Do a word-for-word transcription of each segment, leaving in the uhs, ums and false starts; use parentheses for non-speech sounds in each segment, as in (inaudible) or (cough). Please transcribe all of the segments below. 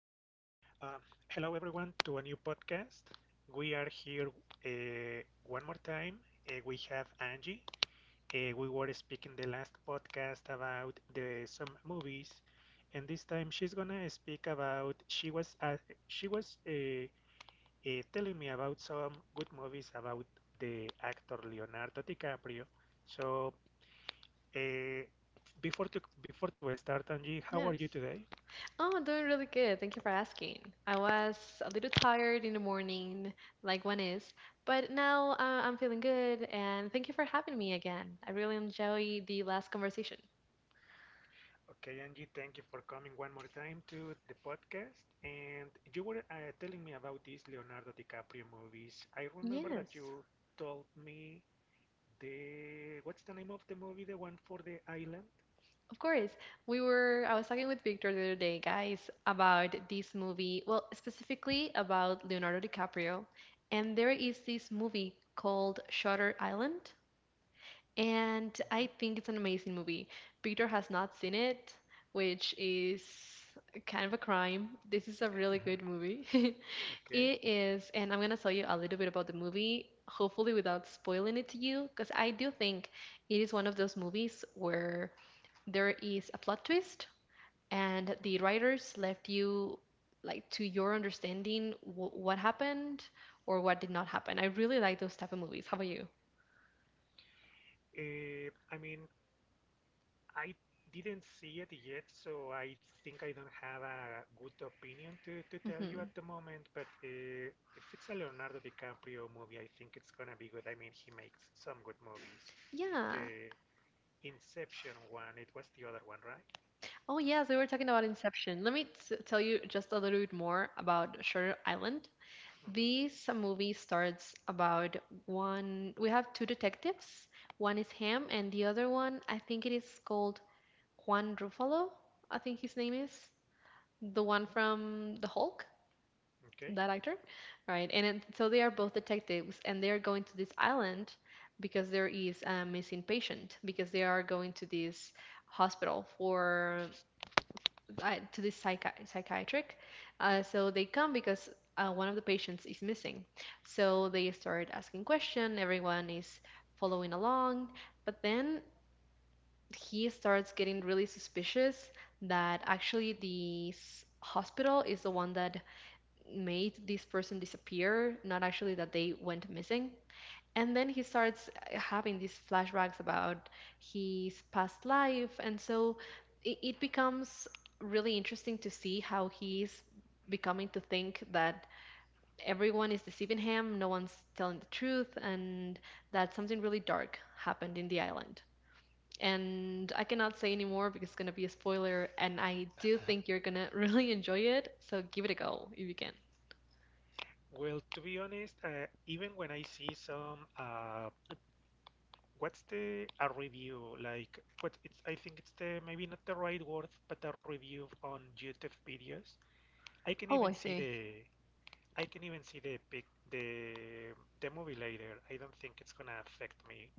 Um, Hello, everyone, to a new podcast. We are here uh, one more time. Uh, we have Angie. Uh, we were speaking the last podcast about the some movies, and this time she's gonna speak about she was uh, she was uh, uh, telling me about some good movies about the actor Leonardo DiCaprio. So uh, before to before to start, Angie, how are you Yes. today? Oh, I'm doing really good. Thank you for asking. I was a little tired in the morning, like one is, but now uh, I'm feeling good, and thank you for having me again. I really enjoyed the last conversation. Okay, Angie, thank you for coming one more time to the podcast. And you were uh, telling me about these Leonardo DiCaprio movies. I remember that Yes, you told me the what's the name of the movie, the one for the island? of course. We were, I was talking with Victor the other day, guys, about this movie, well, specifically about Leonardo DiCaprio. And there is this movie called Shutter Island. And I Hmm. think it's an amazing movie. Peter has not seen it, which is kind of a crime. This is a really good (laughs) movie. (laughs) Okay. It is, and I'm gonna tell you a little bit about the movie, hopefully without spoiling it to you, because I do think it is one of those movies where there is a plot twist and the Hmm. writers left you, like, to your understanding wh- what happened or what did not happen. I really like those type of movies. How about you? Uh, I mean, I didn't see it yet, so I think I don't have a good opinion to, to tell you Hmm. at the moment. But uh, if it's a Leonardo DiCaprio movie, I think it's gonna be good. I mean, he makes some good movies, like Yeah. the Inception one. It was the other one, right? Oh yes, we were talking about Inception. Let me t tell you just a little bit more about Shutter Island. hmm This movie starts about one. We have two detectives. One is Ham, and the other one, I think it is called Juan Ruffalo. I think his name is the one hmm from The Hulk, Okay. that actor. All right, and it- so they are both detectives, and they are going to this island because there is a missing patient, because they are going to this hospital for, uh, to this psychi- psychiatric. Uh, so they come because uh, one of the patients is missing. So they start asking question. Everyone is following along, but then he starts getting really suspicious that actually this hospital is the one that made this person disappear, not actually that they went missing. And then he starts uh, having these flashbacks about his past life, and so it, it becomes really interesting to see how he's becoming to think that everyone is deceiving him, no one's telling the truth, and that something really dark happened in the island. And I cannot say anymore because it's going to be a spoiler, and I do (laughs) think you're going to (laughs) really enjoy it, so give it a go if you can. Well, to be honest, uh, even when I see some, uh, what's the a review like? What it's? I think it's the maybe not the right word, but a review on YouTube videos. I can Oh, even I see see. the I can even see the pic the the movie later. I don't think it's gonna affect me.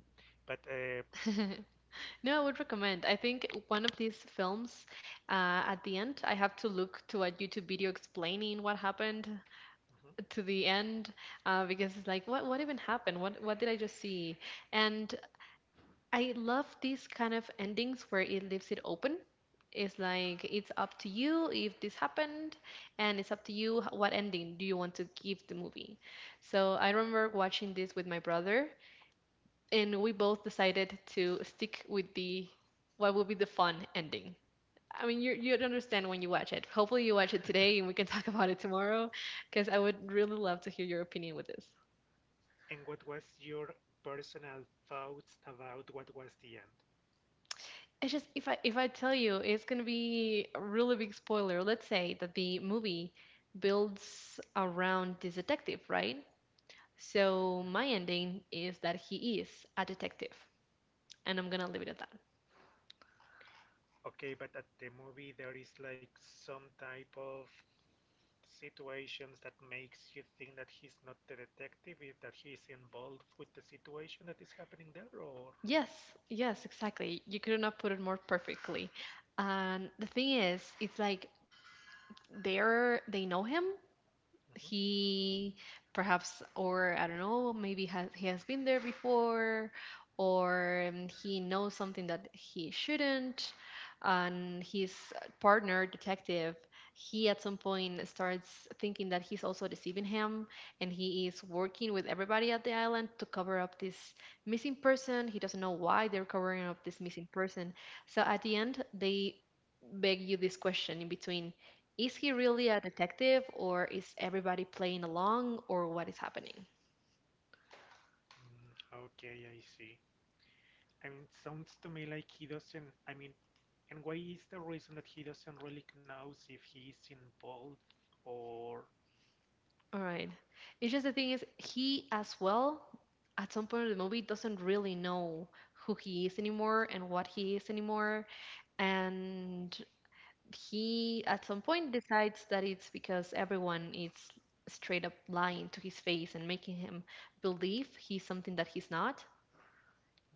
But uh, (laughs) No, I would recommend. I think one of these films, uh, at the end, I have to look to a YouTube video explaining what happened mhm, to the end, uh, because it's like, what what even happened? What what did I just see? And I love these kind of endings where it leaves it open. It's like, it's up to you if this happened, and it's up to you h- what ending do you want to give the movie. So I remember watching this with my brother, and we both decided to stick with the what would be the fun ending. I mean, you you'd understand when you watch it. Hopefully, you watch it today, and we can (laughs) talk about it tomorrow, because I would really love to hear your opinion with this. and what was your personal thoughts about what was the end? It's just, if I if I tell you, it's gonna be a really big spoiler. Let's say that the movie builds around this detective, right? So Mhm. my ending is that he is a detective, and I'm gonna leave it at that. Okay, but at the movie there is like some type of situations that makes you think that he's not the detective, if that he's involved with the situation that is happening there, or Yes, yes, exactly. You could not put it more perfectly. And the thing is, it's like, they're they know him, mhm. he perhaps, or I don't know, maybe has, he has been there before, or um, he knows something that he shouldn't, and his partner detective, he at some point starts thinking that he's also deceiving him and he is working with everybody at the island to cover up this missing person. He doesn't know why they're covering up this missing person. So at the end, they beg you this question in between: is he really a detective, or is everybody playing along, or what is happening? Mm, okay, I see. I mean, it sounds to me like he doesn't. I mean, and why is the reason that he doesn't really knows if he's involved or? All right. It's just, the thing is, he as well, at some point of the movie, doesn't really know who he is anymore and what he is anymore. And he, at some point, decides that it's because everyone is straight up lying to his face and making him believe he's something that he's not.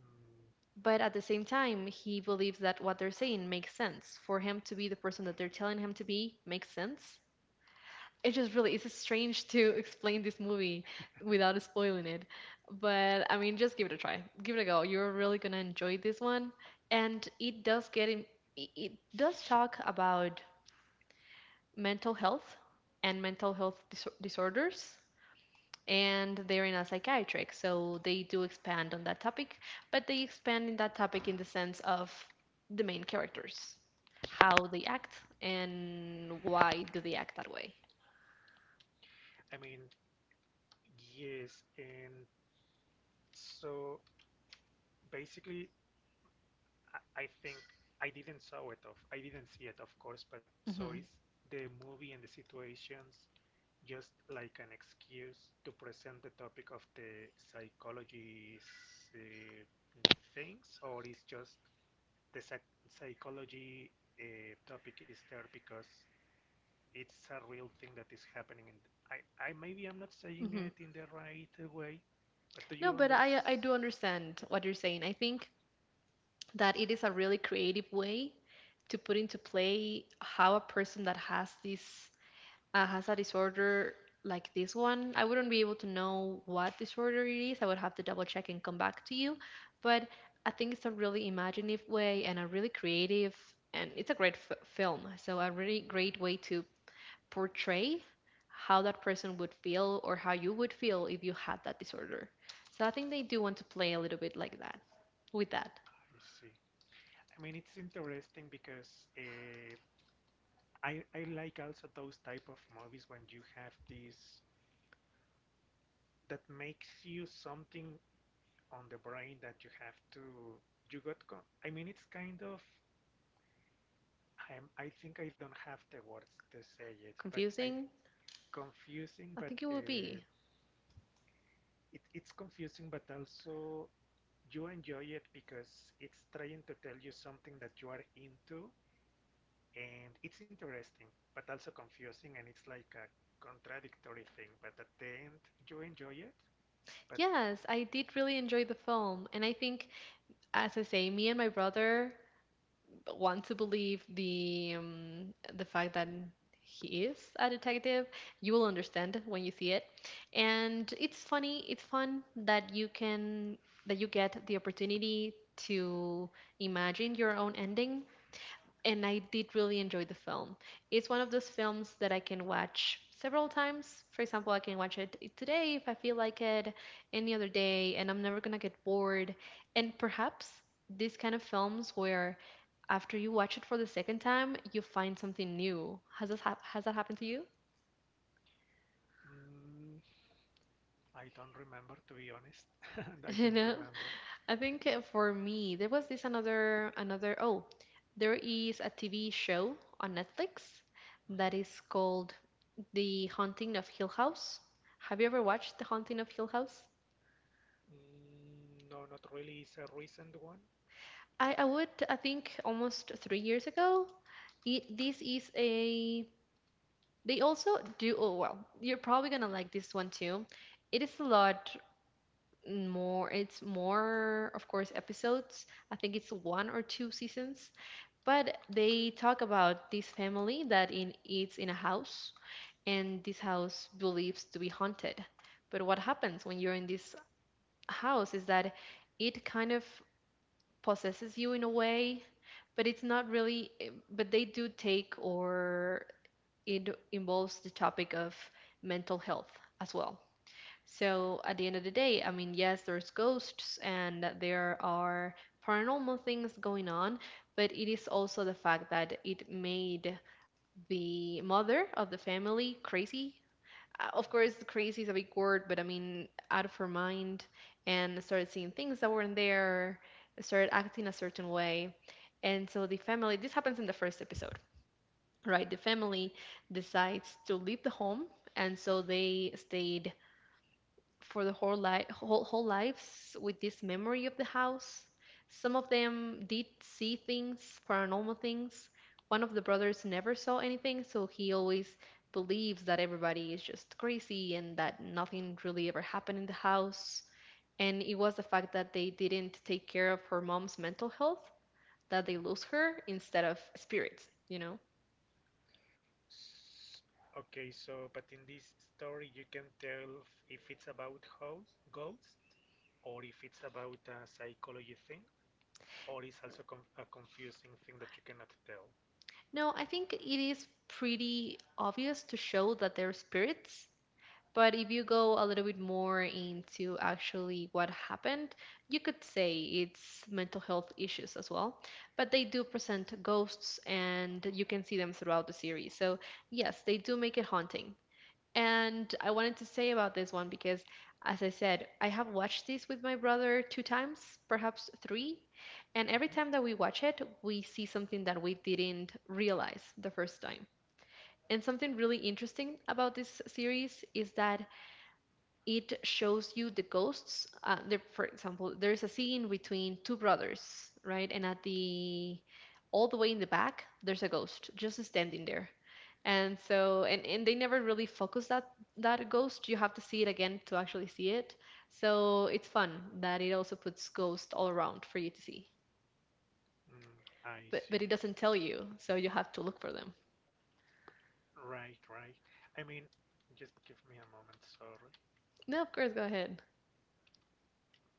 mm, But at the same time, he believes that what they're saying makes sense. For him to be the person that they're telling him to be makes sense. It just really is strange to (laughs) explain this movie without spoiling it. But I mean, just give it a try. Give it a go. You're really going to enjoy this one. And it does get in, it it does talk about mental health and mental health dis- disorders, and they're in a psychiatric, so they do expand on that topic, but they expand in that topic in the sense of the main characters, how they act and why do they act that way. I mean, yes, and so basically, I, I think I didn't saw it of. I didn't see it, of course, but so is Hmm. the movie and the situations just like an excuse to present the topic of the psychology uh, things, or is just the psych- psychology uh, topic is there because it's a real thing that is happening. And I, I maybe I'm not saying Hmm. it in the right uh, way, but do No, you but understand? i i do understand what you're saying. I think that it is a really creative way to put into play how a person that has this, uh, has a disorder like this one. I wouldn't be able to know what disorder it is. I would have to double check and come back to you. But I think it's a really imaginative way and a really creative, and it's a great f- film. So, a really great way to portray how that person would feel or how you would feel if you had that disorder. So, I think they do want to play a little bit like that with that. I see. I mean, it's interesting because uh, I I like also those type of movies when you have this that makes you something on the brain that you have to you got. Con- I mean, it's kind of. I'm, I think I don't have the words to say it, but I Confusing? confusing, I but think it will be. uh, it, it's confusing, but also you enjoy it because it's trying to tell you something that you are into, and it's interesting, but also confusing, and it's like a contradictory thing. But at the end, you enjoy it, but Yes, I did really enjoy the film. And I think, as I say, me and my brother want to believe the um, the fact that he is a detective. You will understand when you see it. And it's funny, it's fun that you can, that you get the opportunity to imagine your own ending. And I did really enjoy the film. It's one of those films that I can watch several times. For example, I can watch it today if I feel like it, any other day, and I'm never gonna get bored. And perhaps these kind of films where after you watch it for the second time, you find something new. Has this hap- has that happened to you? mm, I don't remember, to be honest. (laughs) (laughs) I you don't know remember. I think uh, for me there was this another another oh, there is a TV show on Netflix Mhm. that is called The Haunting of Hill House. Have you ever watched The Haunting of Hill House? Mm, no, not really. It's a recent one. i, I would, I think almost three years ago. It, this is a, they also do, oh well, you're probably gonna like this one too. It is a lot more, it's more of course episodes. I think it's one or two seasons. But they talk about this family that in, it's in a house, and this house believes to be haunted. But what happens when you're in this house is that it kind of possesses you in a way, but it's not really, but they do take, or it involves the topic of mental health as well. So at the end of the day, I mean, yes, there's ghosts and there are paranormal things going on, but it is also the fact that it made the mother of the family crazy. Uh, Of Mhm. course, crazy is a big word, but I mean, out of her mind, and started seeing things that weren't there, started acting a certain way. And so the family, this happens in the first episode, right? The family decides to leave the home, and so they stayed for the whole life, whole, whole lives with this memory of the house. Some of them did see things, paranormal things. One of the brothers never saw anything, so he always believes that everybody is just crazy and that nothing really ever happened in the house. And it was the fact that they didn't take care of her mom's mental health that they lose Mhm. her instead of spirits, you know? S- Okay, so but in this story you can tell if it's about house, ghost or if it's about a psychology thing or it's also com a confusing thing that you cannot tell. No, I think it is pretty obvious to show that they're spirits. But if you go a little bit more into actually what happened, you could say it's mental health issues as well. But they do present ghosts and you can see them throughout the series. So, yes, they do make it haunting. And I wanted to say about this one because, as I said, I have watched this with my brother two times, perhaps three. And every Mhm. time that we watch it, we see something that we didn't realize the first time. And something really interesting about this series is that it shows you the ghosts. Uh, there, for example, there is a scene between two brothers, right? And at the, all the way in the back, there's a ghost just standing there. And so, and, and they never really focus that, that ghost. You have to see it again to actually see it. So it's fun that it also puts ghosts all around for you to see, Mm, I but but it see. doesn't tell you, so you have to look for them. Right, right. I mean, just give me a moment, sorry. No, of course, go ahead.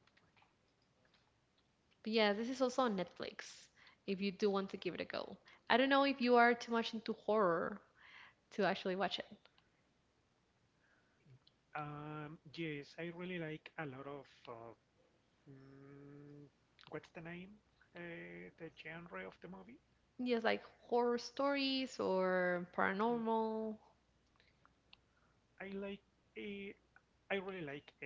Okay. But yeah, this is also on Netflix if you do want to give it a go. I don't know if you are too much into horror to actually watch it. Um, yes, I really like a lot of uh, mm, what's the name? Uh, the genre of the movie? Yes, like horror stories or Mm, paranormal. I like uh, I really like uh,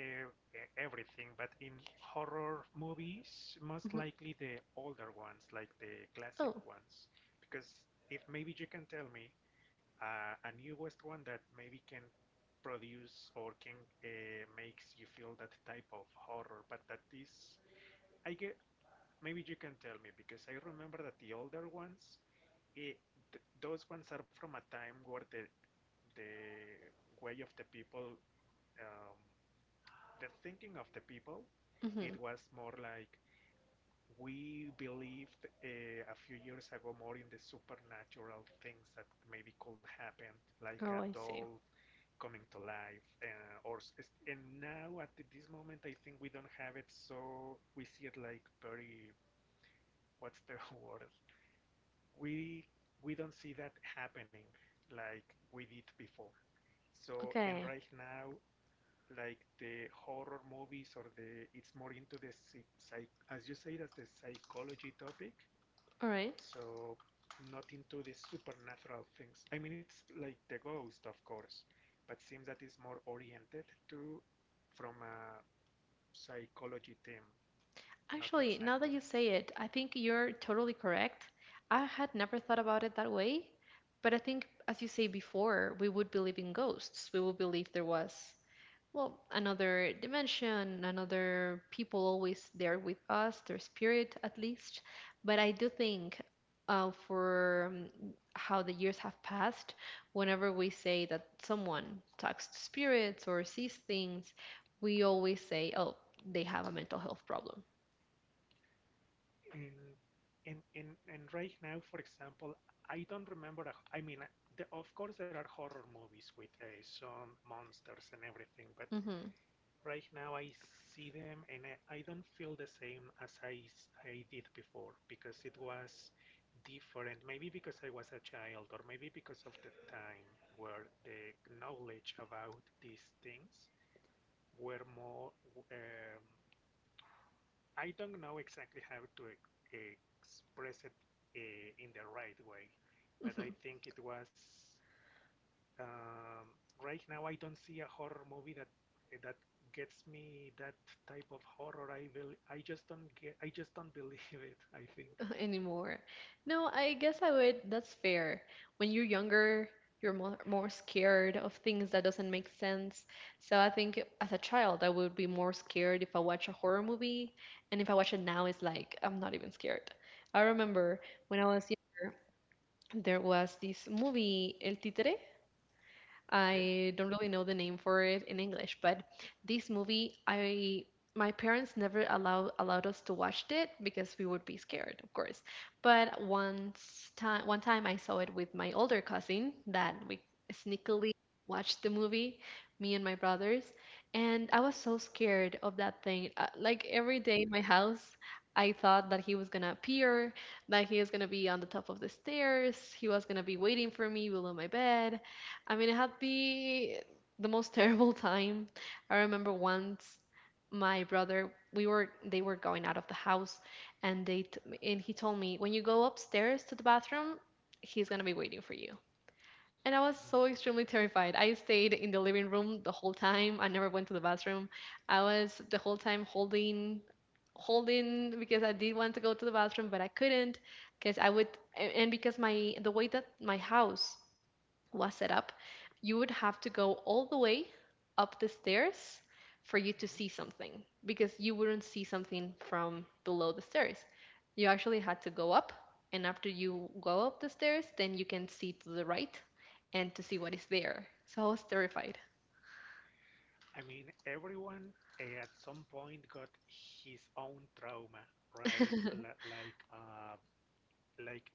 e-, everything, but in horror movies, most Hmm. likely the older ones, like the classic Oh, ones. Because if maybe you can tell me uh, a newest one that maybe can produce or can uh, makes you feel that type of horror, but that is, I get, maybe you can tell me because I remember that the older ones, it, th those ones are from a time where the the way of the people um, the thinking of the people, it hmm, was more like we believed uh, a few years ago more in the supernatural things that maybe could happen, like a oh, I see. doll coming to life, uh, or and now at this moment I think we don't have it, so we see it like very what's the (laughs) word? We we don't see that happening like we did before. So and Okay, right now like the horror movies or the it's more into the psych as you say that's the psychology topic all right. so not into the supernatural things. I mean it's like the ghost of course but seems that it's more oriented to from a psychology theme, not Actually, now that exactly. you say it, I think you're totally correct. I had never thought about it that way, but I think, as you say before, we would believe in ghosts. We would believe there was, well, another dimension, another people always there with us, their spirit at least. But I do think uh, for um, how the years have passed, whenever we say that someone talks to spirits or sees things, we always say, oh, they have a mental health problem. And and and, and right now for example I don't remember a, I mean the, of course there are horror movies with uh, some monsters and everything, but Hmm. right now, I see them and I, I don't feel the same as I I did before because it was different. Maybe because I was a child, or maybe because of the time where the knowledge about these things were more. Um, I don't know exactly how to e- express it uh, in the right way, but I Hmm. think it was um, right now, I don't see a horror movie that that gets me that type of horror. I will. I just don't get. I just don't believe it. I think. (laughs) Anymore. No, I guess I would. That's fair. When you're younger, you're more, more scared of things that doesn't make sense. So I think as a child, I would be more scared if I watch a horror movie, and if I watch it now, it's like I'm not even scared. I remember when I was younger, there was this movie El Títere. Okay. I don't really know the name for it in English, but this movie, I, my parents never allowed allowed us to watch it because we would be scared, of course. But once time one time I saw it with my older cousin that we sneakily watched the movie, me and my brothers, and I was so scared of that thing. Uh, like every day in my house, I thought that he was gonna appear, that he was gonna be on the top of the stairs, he was gonna be waiting for me below my bed. I mean, it had be the most terrible (laughs) time. I remember once my brother, we were they were going out of the house, and they t- and he told me, when you go upstairs to the bathroom, he's gonna be waiting for you. And I was Mhm. so extremely terrified. I stayed in the living room the whole time. I never went to the bathroom. I was the whole time holding holding because I did want to go to the bathroom, but I couldn't because I would, a- and because my, the way that my house was set up, you would have to go all the way up the stairs for you to see something because you wouldn't see something from below the stairs. You actually had to go up, and after you go up the stairs, then you can see to the right and to see what is there. So I was terrified. I mean, everyone eh, at some point got his own trauma, right? (laughs) L- like, uh, like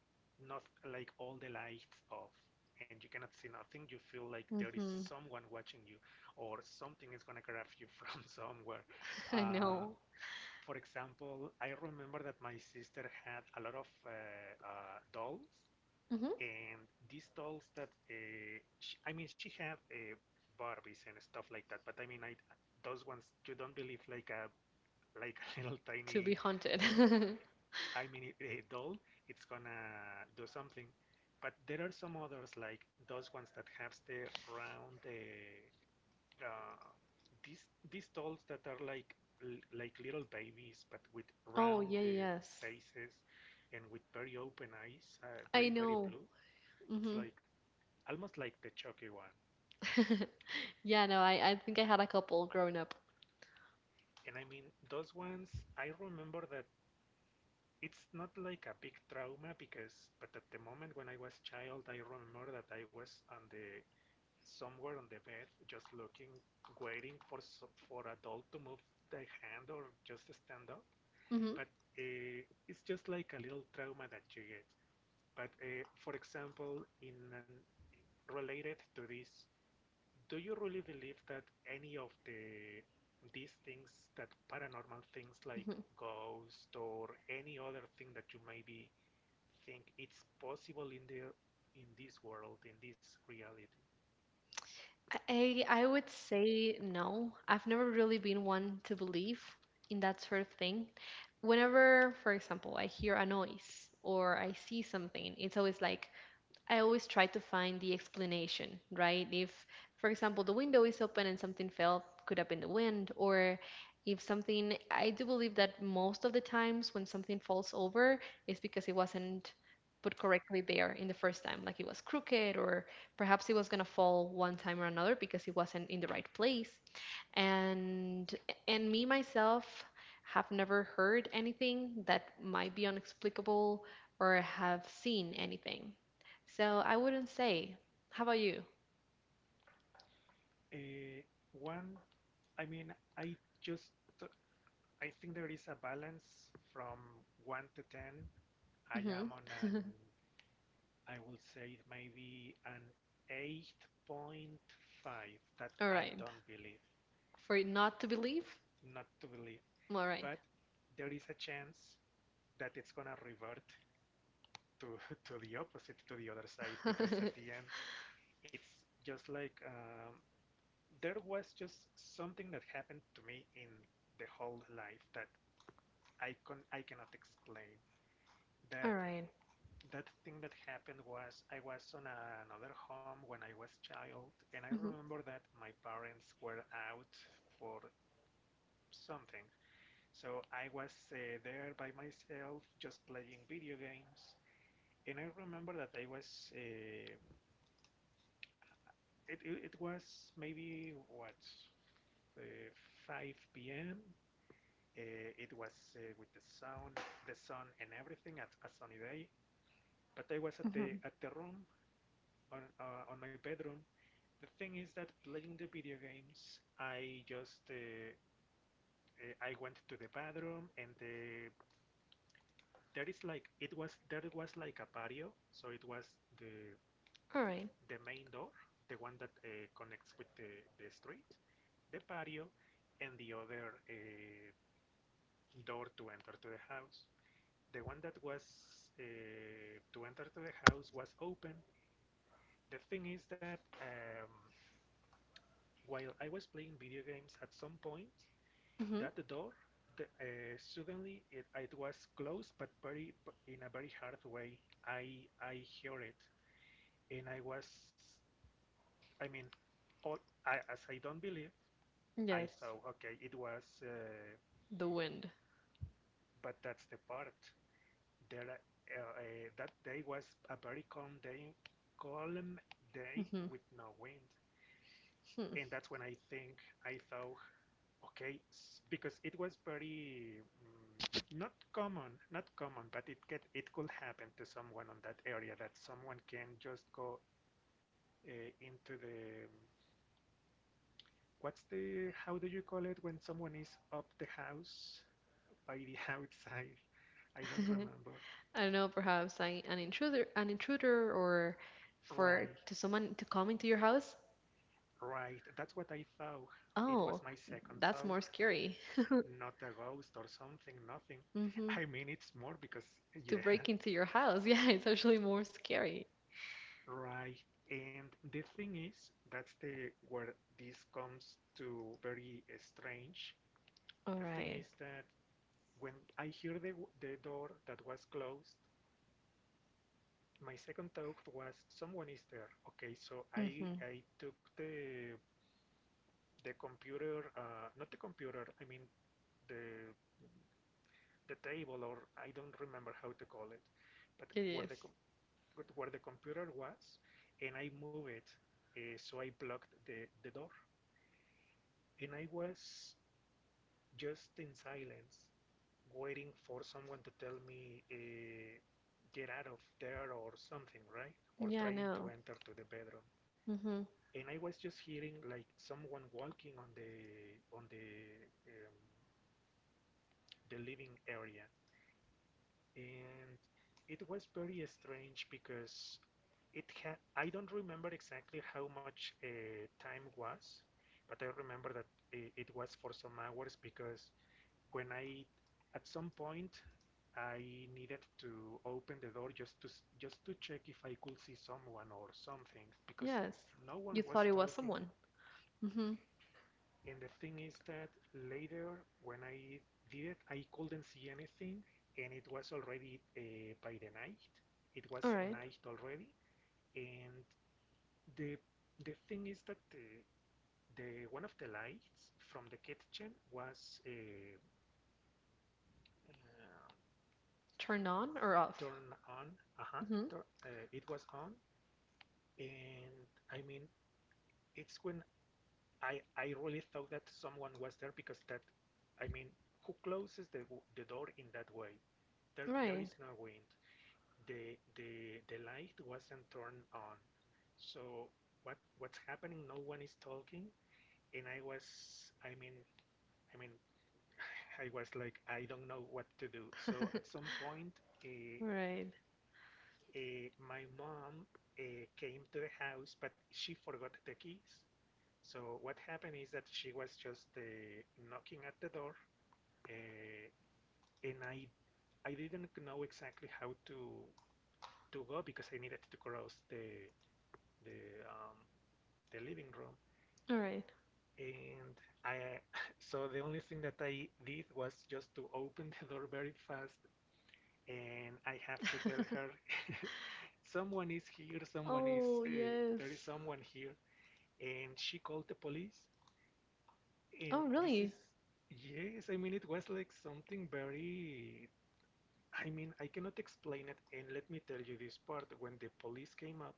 not like all the lights off, and you cannot see nothing. You feel like there is Hmm. someone watching you, or something is gonna grab you (laughs) from somewhere. I Uh, know. for example, I remember that my sister had a lot of uh, uh, dolls, Hmm. and these dolls that uh, sh I mean, she had uh, Barbies and stuff like that. But I mean, I those ones you don't believe like a like a (laughs) little To be tiny haunted. doll. I mean, a doll, it's gonna do something. But there are some others like those ones that have the round. Uh, uh, these these dolls that are like like little babies but with (laughs) Oh, round yeah, uh, yes. faces and with very open eyes, uh, I very very know. blue. It's Hmm. like almost like the Chucky one. (laughs) Yeah, no, I, I think I had a couple growing up. And I mean those ones. I remember that it's not like a big trauma because, but at the moment when I was child, I remember that I was on the somewhere on the bed, just looking, waiting for so- for a doll to move the hand or just stand up. Hmm. But uh, it's just like a little trauma that you get. But uh, for example, in an, related to this, do you really believe that any of the these things that paranormal things like ghost or any other thing that you maybe think it's possible in the in this world in this reality? I I would say no. I've never really been one to believe in that sort of thing. Whenever, for example, I hear a noise or I see something, it's always like, I always try to find the explanation, right? If, for example, the window is open and something fell, could have been the wind, or if something, I do believe that most of the times when something falls over, it's because it wasn't put correctly there in the first time. Like it was crooked, or perhaps it was going to fall one time or another because it wasn't in the right place. And and me myself have never heard anything that might be unexplicable or have seen anything. So I wouldn't say. How about you? Uh, one, I mean, I just I think there is a balance from one to ten. I am Hmm. on an (laughs) I will say it may be an eight point five that All I right. don't believe, For it not to believe? not to believe, All right. but there is a chance that it's gonna revert to (laughs) to the opposite, to the other side, (laughs) All because at the end it's just like um, there was just something that happened to me in the whole life that I can I cannot explain that right. that thing that happened was I was on a, another home when I was child, and I Hmm. remember that my parents were out for something. So I was uh, there by myself, just playing video games. And I remember that I was, uh, it, it, it was maybe what, uh, five p m. Uh, it was uh, with the sun, the sun and everything at a sunny day. But I was at the Hmm. at the room on uh, on my bedroom. The thing is that playing the video games, I just uh, uh, I went to the bathroom and the there is like it was there was like a patio, so it was the All right. the main door, the one that uh, connects with the the street, the patio, and the other uh, door to enter to the house. The one that was uh, to enter to the house was open. The thing is that um, while I was playing video games at some point, Mm-hmm. that door, the, uh, suddenly it, it was closed, but very in a very hard way. I I hear it, and I was, I mean, all I, as I don't believe, I Yes, thought, okay, it was, uh, the wind. but that's the part. There, uh, uh, that day was a very calm day, calm day Mm-hmm. with no wind. And that's when I think I thought, okay, because it was very mm, not common, not common, but it get it could happen to someone on that area that someone can just go uh, into the what's the how do you call it when someone is up the house by the (laughs) outside? I don't Hmm. (laughs) remember. I don't know, perhaps I, an intruder, an intruder, or for Right, to someone to come into your house. right. That's what I thought. It was Oh, my second that's thought, more scary. (laughs) not a ghost or something, nothing. Mm-hmm. I mean, it's more because, (laughs) To yeah. break into your house, (laughs) yeah, it's actually more scary. Right. And the thing is, that's the where this comes to very uh, strange. All The thing right. is that when I hear the the door that was closed, my second thought was someone is there. Okay, so I Mm-hmm. I took the the computer, uh, not the computer, I mean the the table, or I don't remember how to call it, but It where the is. com where the computer was, and I moved it, uh, so I blocked the the door. And I was just in silence, waiting for someone to tell me uh, get out of there or something, right? Or Yeah, I trying to know. enter to the bedroom. And I was just hearing like someone walking on the on the um, the living area, and it was very strange because it had I don't remember exactly how much uh, time was, but I remember that i- it was for some hours because when I at some point I needed to open the door just to just to check if I could see someone or something, because Yes. no one You was thought it was talking. someone. Mm-hmm. And the thing is that later when I did it, I couldn't see anything, and it was already uh, by the night. It All was right. night already, and the the thing is that the, the one of the lights from the kitchen was. uh, uh, Turn on or off? Turn on. Uh-huh, Mm-hmm. tur uh, it was on, and I mean, it's when I I really thought that someone was there because that, I mean, who closes the w- the door in that way? There there Right. is no wind. The the the light wasn't turned on, so what what's happening? No one is talking, and I was, I mean, I mean, (sighs) (laughs) I was like, I don't know what to do. So at (laughs) some point, uh, Right. Uh, my mom uh, came to the house, but she forgot the keys. So what happened is that she was just uh, knocking at the door, uh, and I I didn't know exactly how to to go because I needed to cross the the um, the living room. All right. And I (laughs) so the only thing that I did was just to open the door very fast, and I have to tell her, (laughs) someone is here, someone is, Oh, uh, there is yes. someone here, and she called the police. And Oh, this is, really? yes, I mean, it was like something very. I mean, I cannot explain it. And let me tell you this part: when the police came up,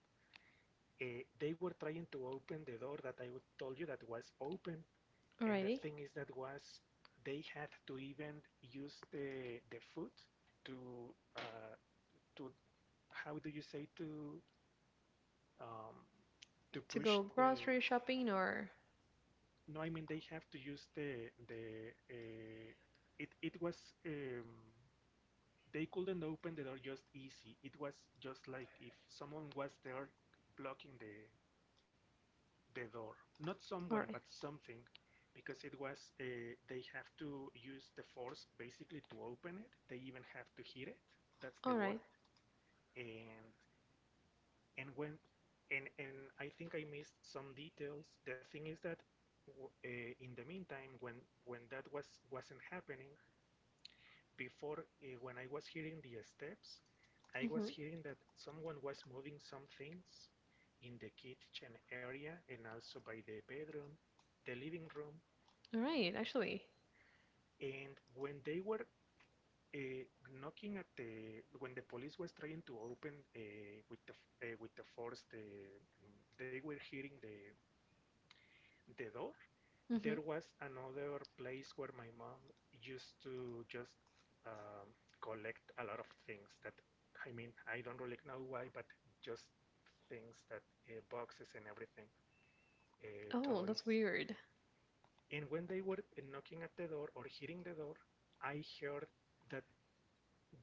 uh, they were trying to open the door that I told you that was open. And the Alrighty. thing is that was, they had to even use the, the foot to, uh, to how do you say, to um, to To push go the? grocery shopping or No, I mean they have to use the the. Uh, it it was um, they couldn't open the door just easy. It was just like if someone was there blocking the the door. Not all someone, but right. something, because it was uh, they have to use the force basically to open it. They even have to hit it. That's the All right. word. And and when and and I think I missed some details. The thing is that uh, in the meantime, when when that was wasn't happening before, uh, when I was hearing the steps, I was Mm-hmm. hearing that someone was moving some things in the kitchen area and also by the bedroom, the living room. All right, actually. And when they were uh, knocking at the, when the police was trying to open, uh, with the uh, with the force, the they were hearing the the door. Mm-hmm. There was another place where my mom used to just um, collect a lot of things that, I mean, I don't really know why, but just things that, uh, boxes and everything, uh, Oh, toys. that's weird. And when they were uh, knocking at the door, or hitting the door, I heard that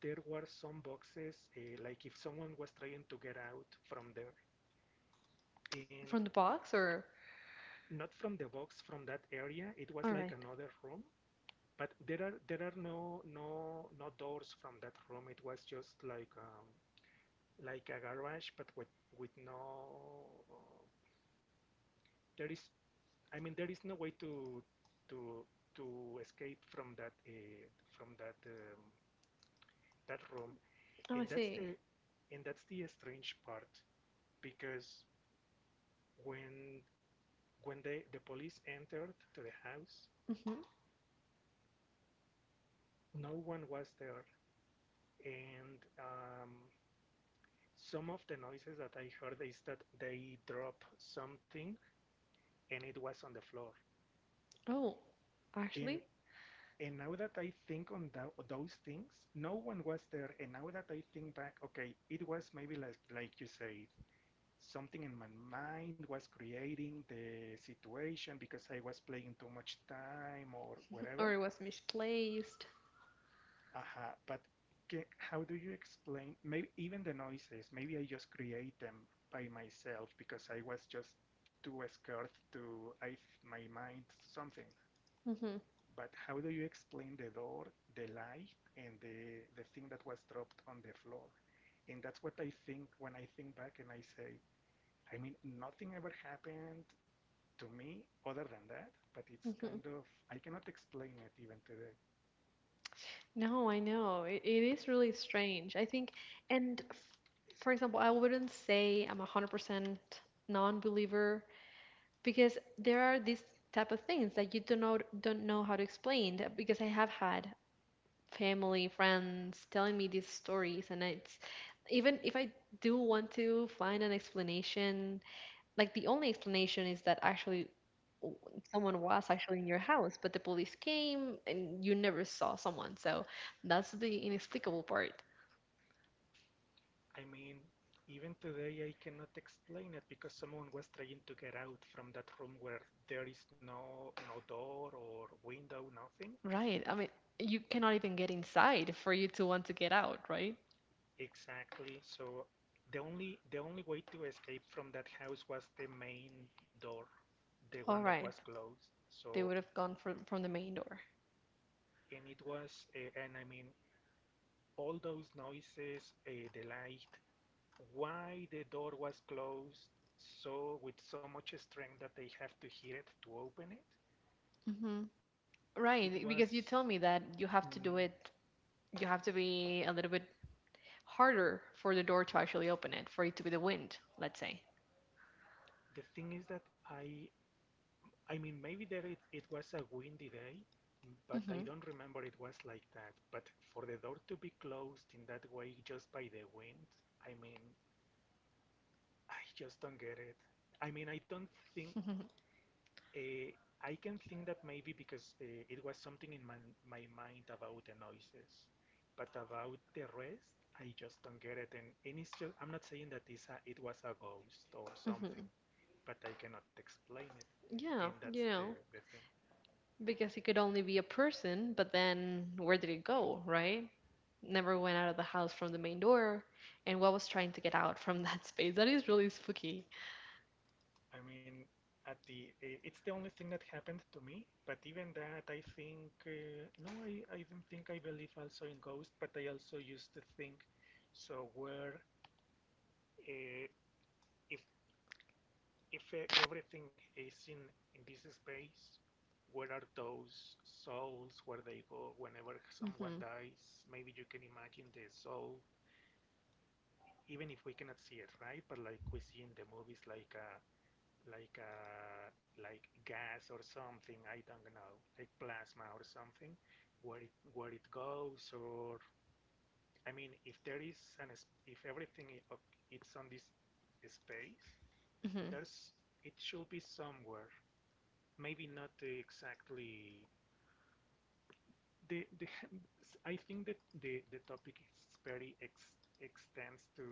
there were some boxes, uh, like if someone was trying to get out from there. And From the box or not from the box, from that area. It was all like right. another room. But there are there are no no no doors from that room. It was just like, um, like a garage, but with with no Uh, there is I mean, there is no way to to to escape from that uh, from that um, that room. Oh, And I that's see. the and that's the strange part, because when when they the police entered to the house, Mm-hmm. no one was there. And um, some of the noises that I heard is that they drop something and it was on the floor. Oh, And actually? and now that I think on tho- those things, no one was there. And now that I think back, okay, it was maybe like like you said, something in my mind was creating the situation because I was playing too much time or Or whatever. it was misplaced. Aha, but ca how do you explain maybe even the noises? Maybe I just create them by myself because I was just too scared to, I, my mind, something. Mm-hmm. But how do you explain the door, the light, and the the thing that was dropped on the floor? And that's what I think when I think back, and I say, I mean, nothing ever happened to me other than that, but it's Mm-hmm. kind of, I cannot explain it even today. No, I know. It, it is really strange. I think, and f for example, I wouldn't say I'm a one hundred percent non-believer because there are these type of things that you don't know don't know how to explain that, because I have had family, friends telling me these stories and it's, even if I do want to find an explanation, like the only explanation is that actually, w- someone was actually in your house, but the police came and you never saw someone. So that's the inexplicable part. I mean, even today I cannot explain it because someone was trying to get out from that room where there is no no door or window, nothing. Right. I mean, you cannot even get inside for you to want to get out, right? Exactly. So the only the only way to escape from that house was the main door, the one All that right. was closed. They So, would have gone from from the main door. and it was uh, and I mean all those noises, uh, the light, why the door was closed so with so much strength that they have to hit it to open it. Hmm. it Right, was because you tell me that you have to mm, do it, you have to be a little bit harder for the door to actually open it, for it to be the wind, let's say. the thing is that I I mean maybe there it, it was a windy day, but Hmm. I don't remember it was like that. But for the door to be closed in that way just by the wind, I mean, I just don't get it. I mean, I don't think. (laughs) Uh, I can think that maybe because, uh, it was something in my, my mind about the noises, but about the rest, I just don't get it. And, and it's just, I'm not saying that it's a, it was a ghost or something, Hmm. but I cannot explain it. And Yeah, that's you the, know, the thing. because it could only be a person, but then where did it go, right? Never went out of the house from the main door, and what was trying to get out from (laughs) that space? That is really spooky. I mean, at the eh, it's the only thing that happened to me, but even that, I think, uh, no, I, I don't think I believe also in ghosts, but I also used to think, so where. Uh, if If e- everything is in, in this space, where are those souls? Where they go whenever someone Hmm. dies? Maybe you can imagine the soul, even if we cannot see it, right? But like we see in the movies, like a like a like gas or something. I don't know, like plasma or something, where it where it goes. Or I mean, if there is an if everything it's on this space, Hmm. there's it should be somewhere, maybe not exactly the, the (laughs) I think that the, the topic is very ex, extends to,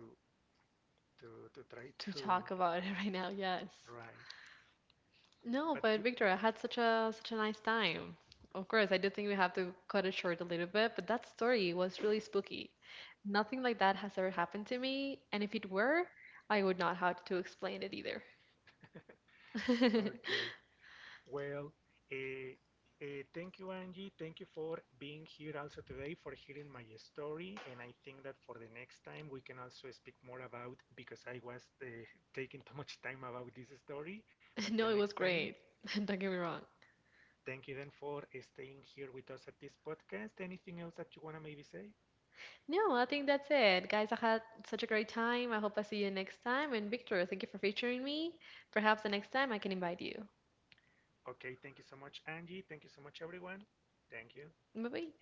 to to try To talk to. about it (laughs) right now, yes. Write. No, But but Victor, I had such a such a nice time. Of course, I do think we have to cut it short a little bit, but that story was really spooky. Nothing like that has ever happened to me, and if it were, I would not have to explain it either. okay, (laughs) well, uh, uh, thank you, Angie. Thank you for being here also today for hearing my story. And I think that for the next time we can also speak more about, because I was uh, taking too much time about this story. But the No, it next was time. great. (laughs) Don't get me wrong. Thank you then for staying here with us at this podcast. Anything else that you want to maybe say? No, I think that's it. Guys, I had such a great time. I hope I see you next time. And Victor, thank you for featuring me. Perhaps the next time I can invite you. Okay, thank you so much, Angie. Thank you so much, everyone. Thank you. Bye bye.